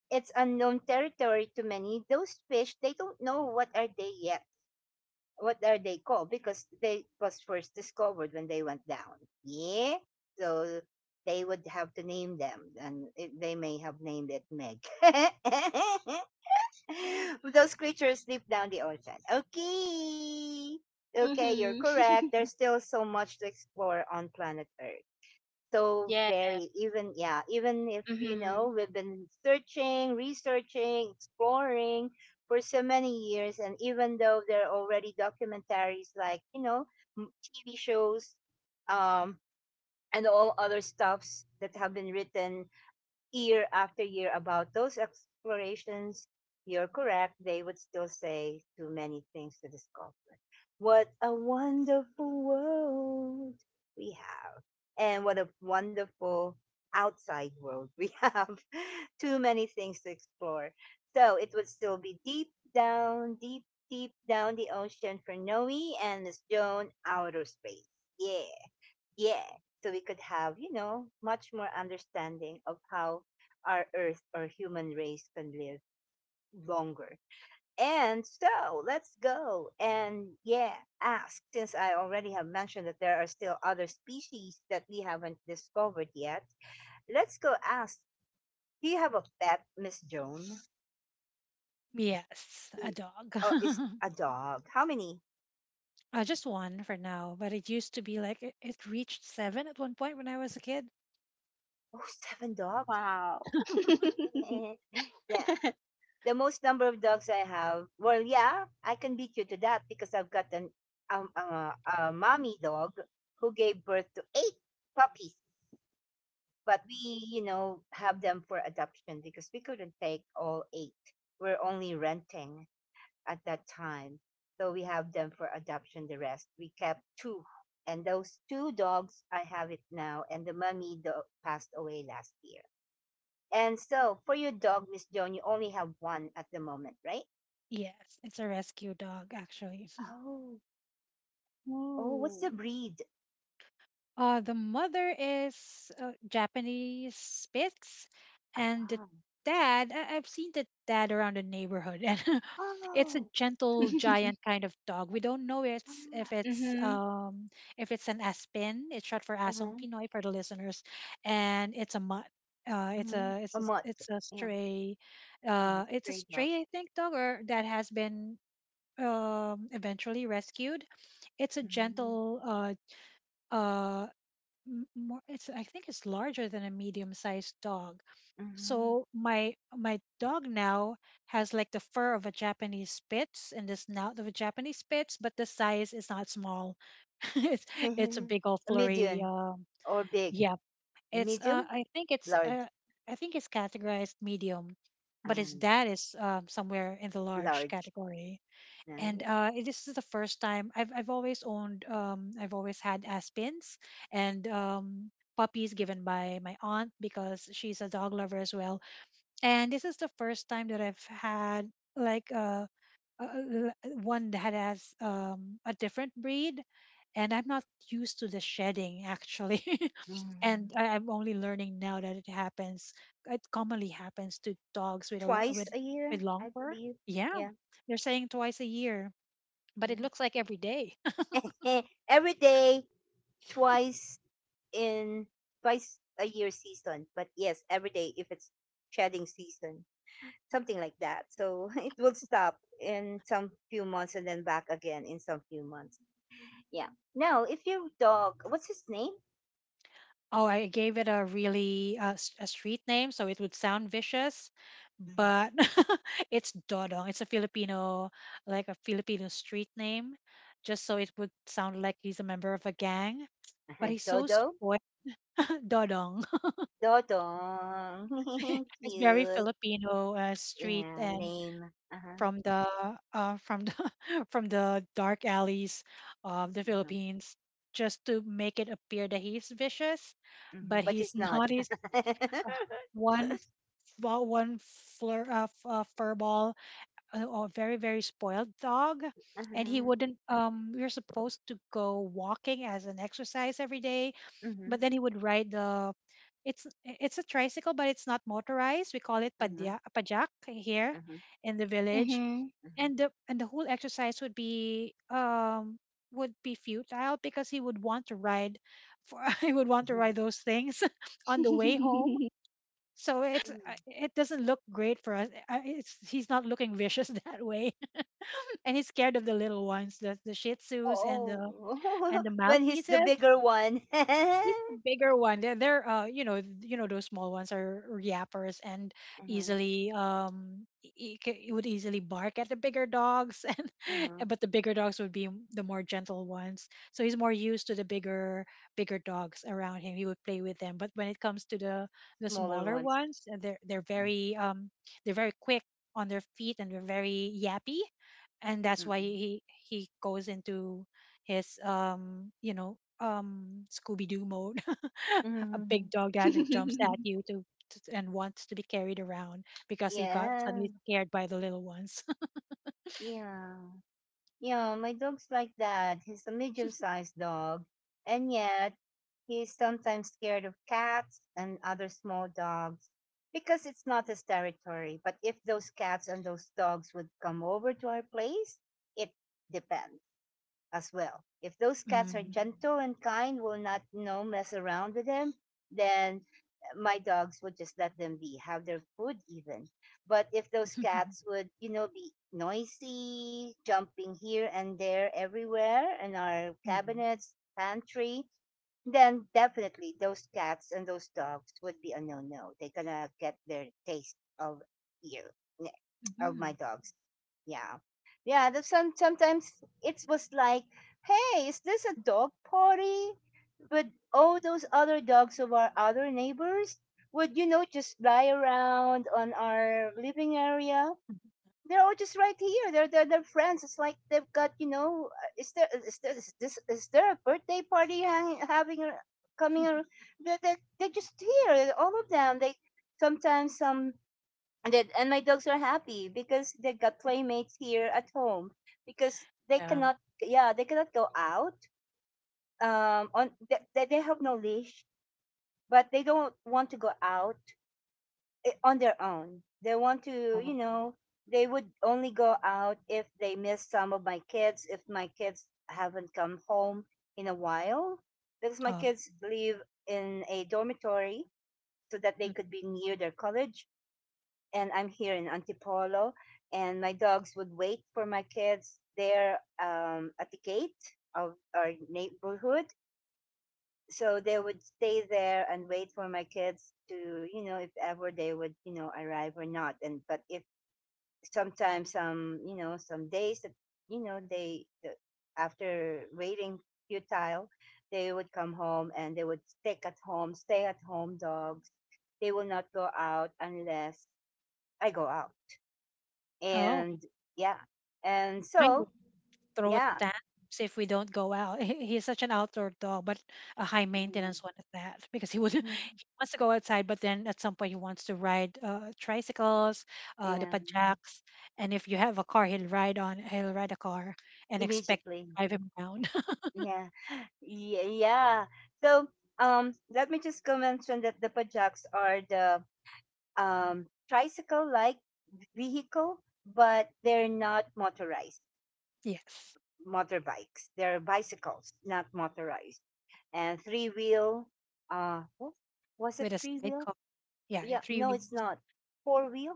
it's unknown territory to many. Those fish, they don't know what are they yet. What are they called? Because they was first discovered when they went down. Yeah, so they would have to name them, and they may have named it Meg. Those creatures live down the ocean. Okay, okay, you're Mhm. correct. There's still so much to explore on planet Earth, so Yeah. very even, yeah, even if Mhm. We've been searching, researching, exploring for so many years, and even though there are already documentaries like TV shows, um and all other stuffs that have been written year after year about those explorations, you're correct. They would still say too many things to discover. What a wonderful world we have, and what a wonderful outside world we have. Too many things to explore. So it would still be deep down, deep, deep down the ocean for Noe, and Miss Joan, outer space. Yeah. Yeah, so we could have, much more understanding of how our earth or human race can live longer. And so let's go and, yeah, ask, since I already have mentioned that there are still other species that we haven't discovered yet. Let's go ask, do you have a pet, Miss Joan? Yes, a you- dog. Oh, is a dog. How many? Uh, just one for now, but it used to be like, it reached seven at one point when I was a kid. Oh, seven dogs. Wow. Yeah. The most number of dogs I have, well, yeah, I can beat you to that, because I've got an um, uh, a mommy dog who gave birth to eight puppies, but we, have them for adoption because we couldn't take all eight. We're only renting at that time, so we have them for adoption. The rest we kept two, and those two dogs I have it now, and the mommy dog passed away last year. And so, for your dog, Miss Joan, you only have one at the moment, right? Yes, it's a rescue dog, actually. Oh. Oh, what's the Ooh. breed? The mother is, Japanese Spitz, Oh, and the wow. dad, I've seen the dad around the neighborhood, and it's a Oh. gentle giant kind of dog. We don't know it's, if Ah. it's Mhm. If it's an Aspen. It's short for Asong Uh-huh. Pinoy for the listeners, and it's a mutt. Mm-hmm. A mutt. It's a Yeah. stray, Uh-huh. It's a Stray dog. stray, I think, dog, or that has been eventually rescued. It's a Mm-hmm. gentle, uh more, it's I think it's larger than a medium sized dog. Mm-hmm. So my dog now has like the fur of a Japanese Spitz and the snout of a Japanese Spitz, but the size is not small. It's a big old A flurry medium or big. yeah. It's, Medium, large. I think it's categorized medium, but his Um, dad is somewhere in the large large. category. And, Right? It- this is the first time I've, always owned, I've always had Aspens and puppies given by my aunt, because she's a dog lover as well. And this is the first time that I've had like, uh l- one that has a different breed. And I'm not used to the shedding actually. And Mm. I'm only learning now that it happens. It commonly happens to dogs with a lot Twice with a year, long I fur. believe. Yeah, Yeah. they're saying twice a year, but Yeah. it looks like every day. Eh, every day, twice in twice a year season. But yes, every day if it's shedding season. Something like that. So it will stop in some few months and then back again in some few months. Yeah. Now, if your dog, what's his name? Oh, I gave it a really, a street name, so it would sound vicious, but it's Dodong. It's a Filipino, like a Filipino street name, just so it would sound like he's a member of a gang. But he's so Dodo? spoiled. Dodong. Dodong. It's very Cute. Filipino, street, Yeah, and name. Uh-huh. from the, from the from the dark alleys of the Uh-huh, Philippines, just to make it appear that he's vicious, mhm. but But he's he's not. not. He's one one furball, a very very spoiled dog, and he Uh-huh, wouldn't. We were supposed to go walking as an exercise every day, but mhm, then he would ride the. It's a tricycle, but it's not motorized. We call it mhm, padya, pajak here mhm, in the village, Mhm. and mhm. The whole exercise would be, would be futile because he would want to ride for he would want to ride those things on the way home. So it's, Mm. it doesn't look great for us. It's, he's not looking vicious that way, and he's scared of the little ones, the Shih Tzus Oh, and the when he's the Malteses. bigger one. Uh-huh, It's the bigger one. They're, you know, you know, those small ones are yappers, and easily, it would easily bark at the bigger dogs, and uh-huh. but the bigger dogs would be, the more gentle ones. So he's more used to the bigger, bigger dogs around him. He would play with them. But when it comes to the Smaller smaller ones. ones, they're, Yeah. They're very quick on their feet, and they're very yappy, and that's why Mm-mm. he goes into his, you know, Scooby Doo mode, a Mhm. big dog that jumps at you to and wants to be carried around because he got Yeah, suddenly scared by the little ones. yeah, yeah. My dog's like that. He's a medium-sized dog, and yet he's sometimes scared of cats and other small dogs because it's not his territory. But if those cats and those dogs would come over to our place, it depends. As well. If those cats are Mm. gentle and kind, will not, you know, mess around with them, then my dogs would just let them be, have their food even. But if those cats would, you know, be noisy, jumping here and there everywhere in our Mhm. cabinets, pantry, then definitely those cats and those dogs would be a no no. They're gonna get their taste of you, n- of my Mhm. dogs. Yeah, yeah. The, some sometimes it was like, hey, is this a dog party? But all those other dogs of our other neighbors would, you know, just fly around on our living area. They're all just right here. They're they're friends. It's like they've got, you know. Is there a birthday party coming? They're just here. All of them. They sometimes some and then, and my dogs are happy because they got playmates here at home because they Yeah. cannot, yeah, they cannot go out on, they have no leash, but they don't want to go out on their own. They want to, you Oh. know, they would only go out if they miss some of my kids, if my kids haven't come home in a while, because my Oh. kids live in a dormitory so that they Mm. could be near their college. And I'm here in Antipolo, and my dogs would wait for my kids there, at the gate of our neighborhood, so they would stay there and wait for my kids to, you know, if ever they would, you know, arrive or not. And but if sometimes some, you know, some days that, you know, they, the, after waiting futile, they would come home, and they would stick at home, stay at home dogs. They will not go out unless I go out. Oh, And yeah. And mine so would throw a yeah. tantrums if we don't go out. He's such an outdoor dog, but a high Mhm. maintenance one at that because he would Mhm. he wants to go outside, but then at some point he wants to ride, tricycles, the Yeah, pajaks, and if you have a car, he'll ride on, he'll ride a car and expect immediately. to drive him around. Yeah. Yeah, yeah. So let me just go mention that the Pajaks are the tricycle-like vehicle, but they're not motorized Yes, motorbikes. They're bicycles, not motorized. And three-wheel. Oh, was it with a three-wheel? sidecar. Yeah, yeah, Yeah. three No, it's wheels. not. Four-wheel,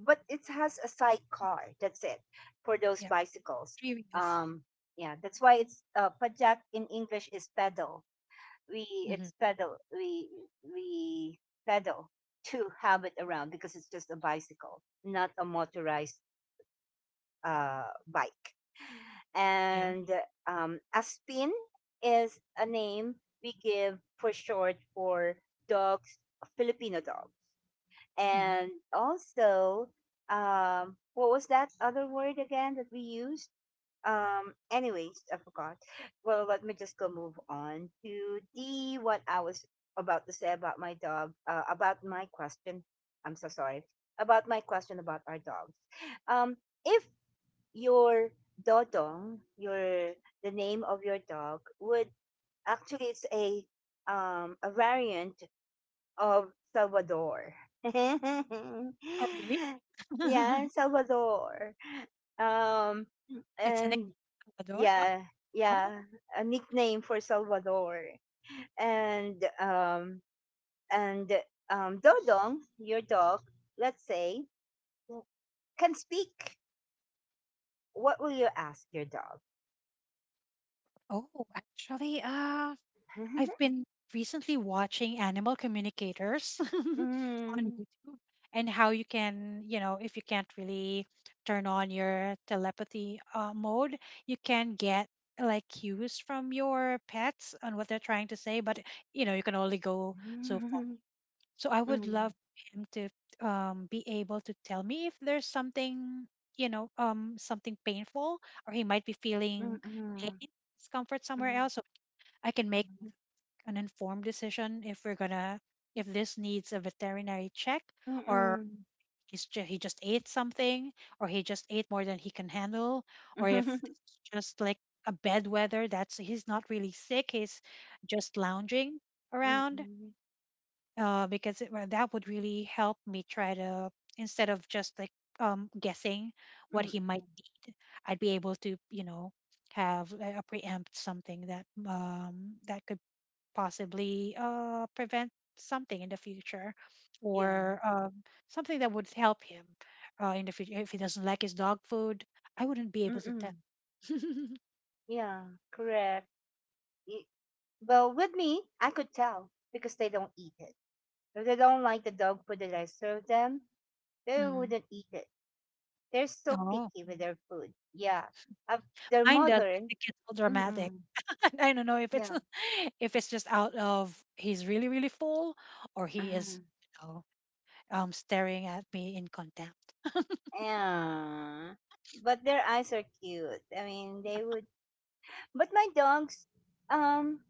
but it has a sidecar. That's it for those Yeah, bicycles. three wheels. Um, yeah, that's why it's Pajak in English is pedal. We Hmm. it's pedal we pedal to have it around because it's just a bicycle, not a motorized bike. Yeah. And a spin is a name we give for short for dogs, Filipino dogs. Hmm. And also, what was that other word again that we used? Anyways, I forgot. Well, let me just go move on to the what I was about to say about my dog, about my question. I'm so sorry. About my question about our dogs. Um if your Dodong, your, the name of your dog would, actually it's a variant of Salvador. Oh, really? yeah, Salvador. Um It's an and Ecuador. yeah, yeah, Oh, a nickname for Salvador. And um and Dodong, your dog, let's say, can speak. What will you ask your dog? Oh, actually, I've been recently watching animal communicators on Mm, YouTube, and how you can, you know, if you can't really turn on your telepathy, mode, you can get like cues from your pets on what they're trying to say, but you know, you can only go so mm, far. mm, So I would mm, love him to, be able to tell me if there's something, you know, something painful, or he might be mm, feeling mm, pain, discomfort somewhere else. So I can make an informed decision, if we're gonna, if this needs a veterinary check, mm, or mm, he just ate something, or he just ate more than he can handle, or if mm, it's just like a bedwetter, that's, he's not really sick, he's just lounging around. mm, Because it, well, that would really help me try to, instead of just like, guessing what mm. he might need. I'd be able to, you know, have a preempt something that, that could possibly, prevent something in the future, Yeah. or, something that would help him, in the future. If he doesn't like his dog food, I wouldn't be able to tell. Mm-mm. Yeah. Correct. Y- Well, with me, I could tell because they don't eat it. If they don't like the dog food that I serve them, they Mhm. wouldn't eat it. They're so Oh, picky with their food. Yeah. Uh, their mine does, but mother, it gets all dramatic. mm-mm, I don't know if it's yeah. if it's just out of, he's really really full, or he is, Mm. you know, staring at me in contempt. Yeah. But their eyes are cute. I mean, Yeah. they would. But my dogs, um,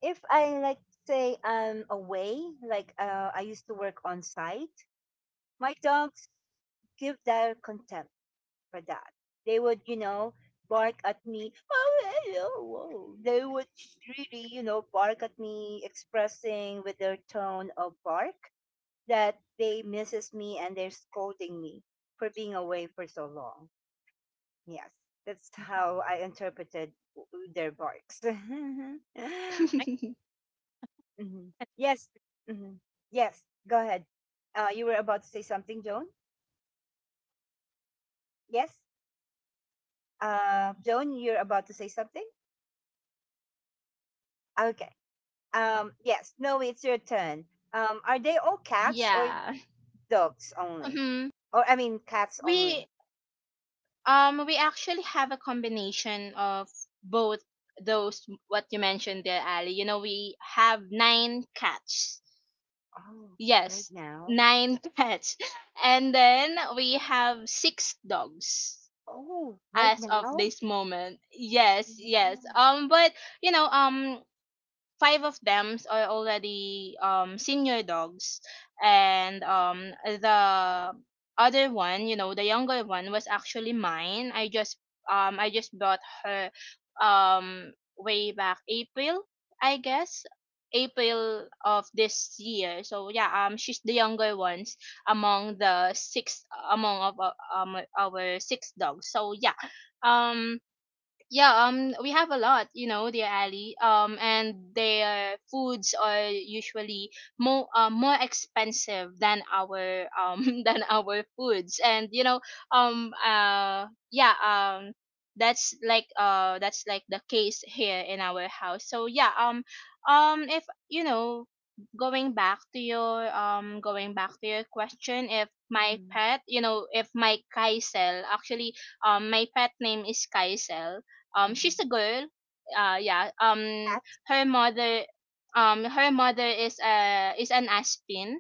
if I like say I'm away, like I used to work on site, my dogs give their contempt. For that. They would, you know, bark at me. Oh, hello, whoa. They would really, you know, bark at me, expressing with their tone of bark that they misses me and they're scolding me for being away for so long. Yes, that's how I interpreted their barks. I can Mhm. Yes, mhm. Yes. Go ahead. You were about to say something, Joan. Yes. Joan, you're about to say something. Okay. my- Yes, no, it's your turn. Are they all cats or Yeah. dogs only? Mhm. Or I mean cats only. We we actually have a combination of both, those what you mentioned there, Ali. You know, we have nine cats. Oh, right Yes, now. nine cats. And then we have six dogs. Oh, right As of now. this moment, yes, Wow. yes, but, you know um five of them are already senior dogs, and the other one, you know, the younger one, was actually mine. I just bought her, um way back April, I guess, April of this year. So yeah, she's the younger ones among the six, among of our six dogs. So yeah, um yeah we have a lot, you know, dear Ali, and their foods are usually more expensive than our, than our foods. And, um uh yeah, that's like the case here in our house. So yeah, if, you know going back to your question, if my Mm. pet you know if my Kaisel, actually, my pet name is Kaisel. She's Hmm. a girl, yeah. Cat. her mother Her mother is an Aspin,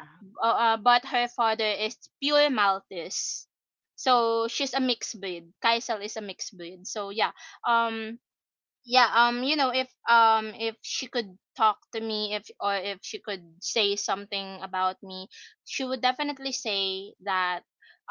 Uh, but her father is pure Maltese, so she's a mixed breed. Kaisel is a mixed breed. So yeah, um yeah. If she could talk to me, if she could say something about me, she would definitely say that,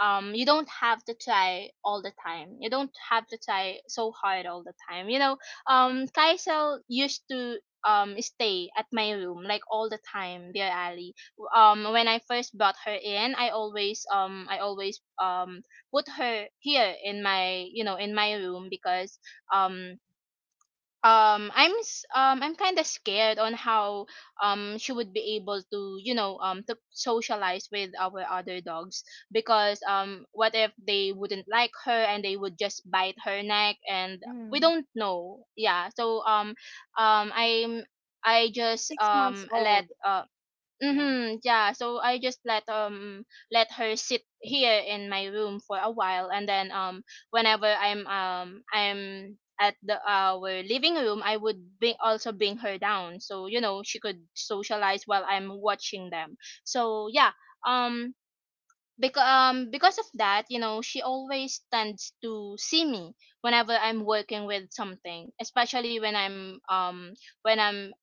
you don't have to try all the time. You don't have to try so hard all the time, you know. Kaisel used to, stay at my room, like, all the time, dear Ali. When I first brought her in, I always, put her here in my, in my room, because, um I'm kind of scared on how, she would be able to, to socialize with our other dogs. Because, what if they wouldn't like her, and they would just bite her neck? And we mm, don't know. Yeah. So, um I'm I just, 6 months let. old. Yeah. Mm-hmm. Yeah. So I just let her sit here in my room for a while, and then, whenever I'm at the our living room, I would bring also bring her down, so you know she could socialize while I'm watching them. So yeah. Um. Because, of that, you know, she always tends to see me whenever I'm working with something, especially when I'm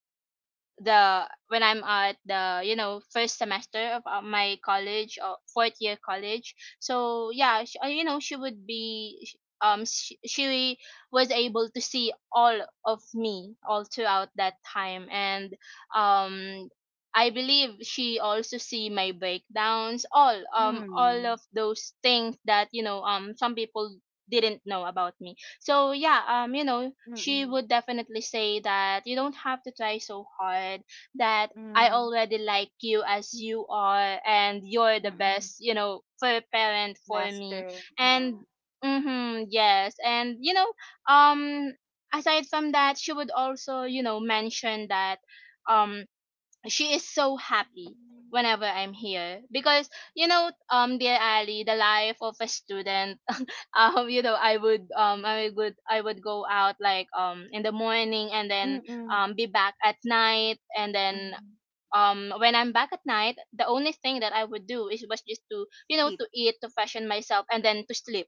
the when I'm at the, first semester of, my college, or fourth year college. So yeah, sh you know she would be sh- sh- she was able to see all of me all throughout that time. And, um I believe she also see my breakdowns, all of Mm, those things that, some people didn't know about me. So yeah, mm, she would definitely say that you don't have to try so hard, that mm, I already like you as you are, and you're the mm, best, you know, for parent for me. master. Yeah. And mhm, yes. And you know, um aside from that, she would also, you know, mention that, um she is so happy Mm, whenever I'm here, because, dear Ali, the life of a student I would go out, like, in the morning, and then, mm, be back at night. And then, mm, when I'm back at night, the only thing that I would do is was just to, sleep. to eat, to fashion myself, and then to sleep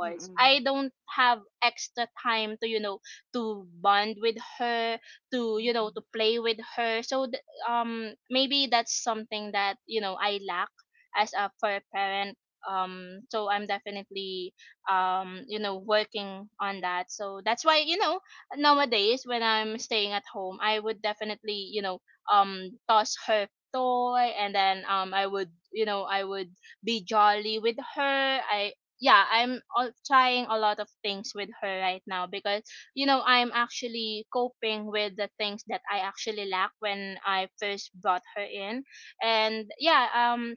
Mm, mm, I don't have extra time to, to bond with her, to, to mm, play with her. So, maybe that's something that, I lack as a for a parent. So I'm definitely, working on that. So that's why, nowadays when I'm staying at home, I would definitely, toss her toy. And then, I would be jolly with her. I Yeah, I'm all, trying a lot of things with her right now, because, I'm actually coping with the things that I actually lack when I first brought her in. And yeah,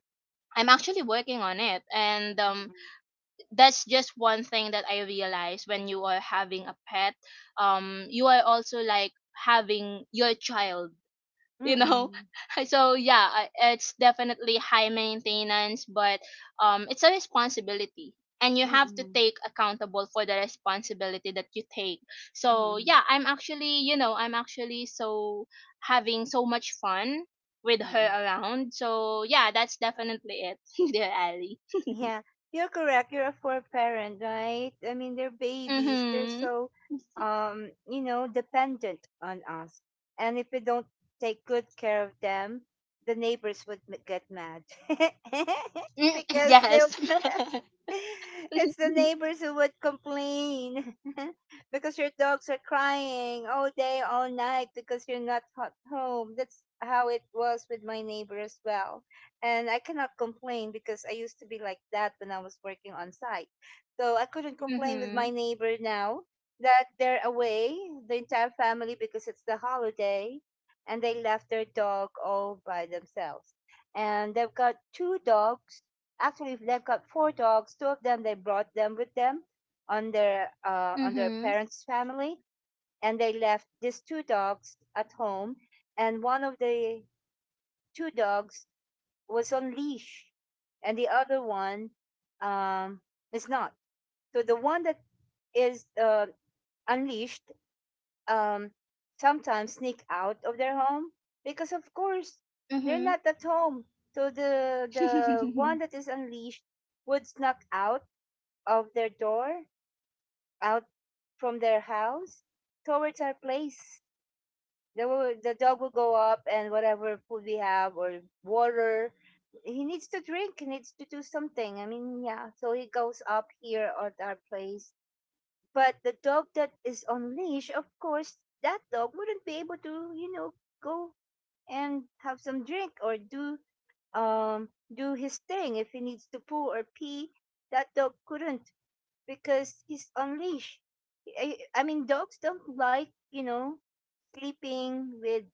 I'm actually working on it. And, that's just one thing that I realized: when you are having a pet, you are also like having your child, mm, you mm, know. mm, So yeah, it's definitely high maintenance, but, it's a responsibility, and you mm, have mm, to mm, take accountable for the responsibility that you take. So mm, yeah, I'm actually so having so much fun with her mm. around. So yeah, that's definitely it. Dear Ali. Yeah, you're correct. You're a four parent, right? I mean, they're babies. They're Mhm. so, you know, dependent on us. And if we don't take good care of them, the neighbors would get mad Mm. because they'll Yes. be pets. It's the neighbors who would complain because your dogs are crying all day, all night because you're not at home. That's how it was with my neighbor as well, and I cannot complain because I used to be like that when I was working on site. So I couldn't Mhm. complain with my Mhm. neighbor now that they're away, the entire family, because it's the holiday, and they left their dog all by themselves. And they've got two dogs. Actually, they've got four dogs. Two of them they brought them with them on their parents' family, and they left these two dogs at home. And one of the two dogs was on leash, and the other one um, is not. So the one that is unleashed um, sometimes sneak out of their home because, of course, Mhm. they're Mhm. not at home. So the one that is unleashed would snuck out of their door, out from their house towards our place. The dog will go up, and whatever food we have or water he needs to drink, he needs to do something. I mean, yeah, so he goes up here at our place. But the dog that is on leash, of course, that dog wouldn't be able to, you know, go and have some drink or do um do his thing if he needs to poo or pee. That dog couldn't because he's on leash. I mean, dogs don't like, you know, sleeping with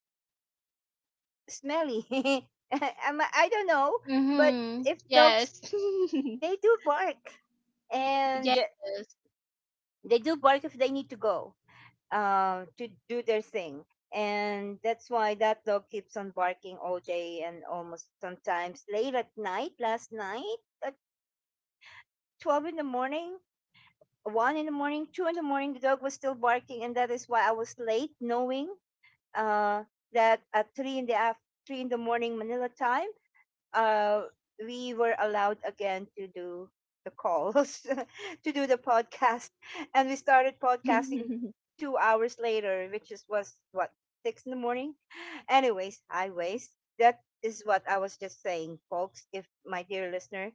smelly. I'm, I don't know, but Mhm. if dogs, Yes. they do bark, and Yes. they do bark if they need to go to do their thing, and that's why that dog keeps on barking all day and almost sometimes late at night. Last night at 12 in the morning, 1 in the morning, 2 in the morning, the dog was still barking, and that is why I was late, knowing uh, that at 3 in the morning Manila time, uh, we were allowed again to do the calls, to do the podcast, and we started podcasting 2 hours later, which is was what 6 in the morning. Anyways, highways. That is what I was just saying, folks. If my dear listener,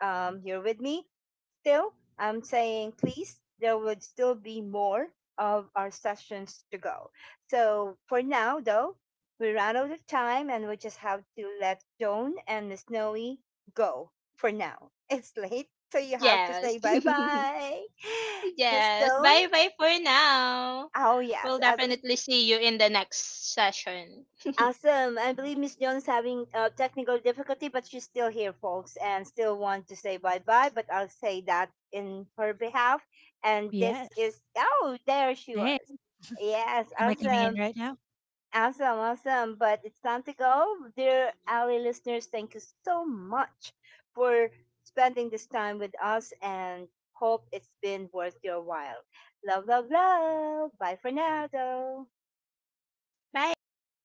you're with me, still, I'm saying please, there would still be more of our sessions to go. So for now, though, we ran out of time, and we just have to let Joan and Miss Snowy go for now. It's late, so you have to Yes. say bye bye. Miss Yes. Joan? Bye bye for now. Oh, yes, We'll I believe. definitely see you in the next session. Awesome. I believe Miss Jones having technical difficulty, but she's still here, folks, and still want to say bye bye. But I'll say that in her behalf. And this Yes. is, oh, there she Thanks. was. Yes, Am I coming in awesome, right now? awesome, awesome. But it's time to go, dear Ali listeners. Thank you so much for spending this time with us, and hope it's been worth your while. Love, love, love. Bye for now, though. Bye.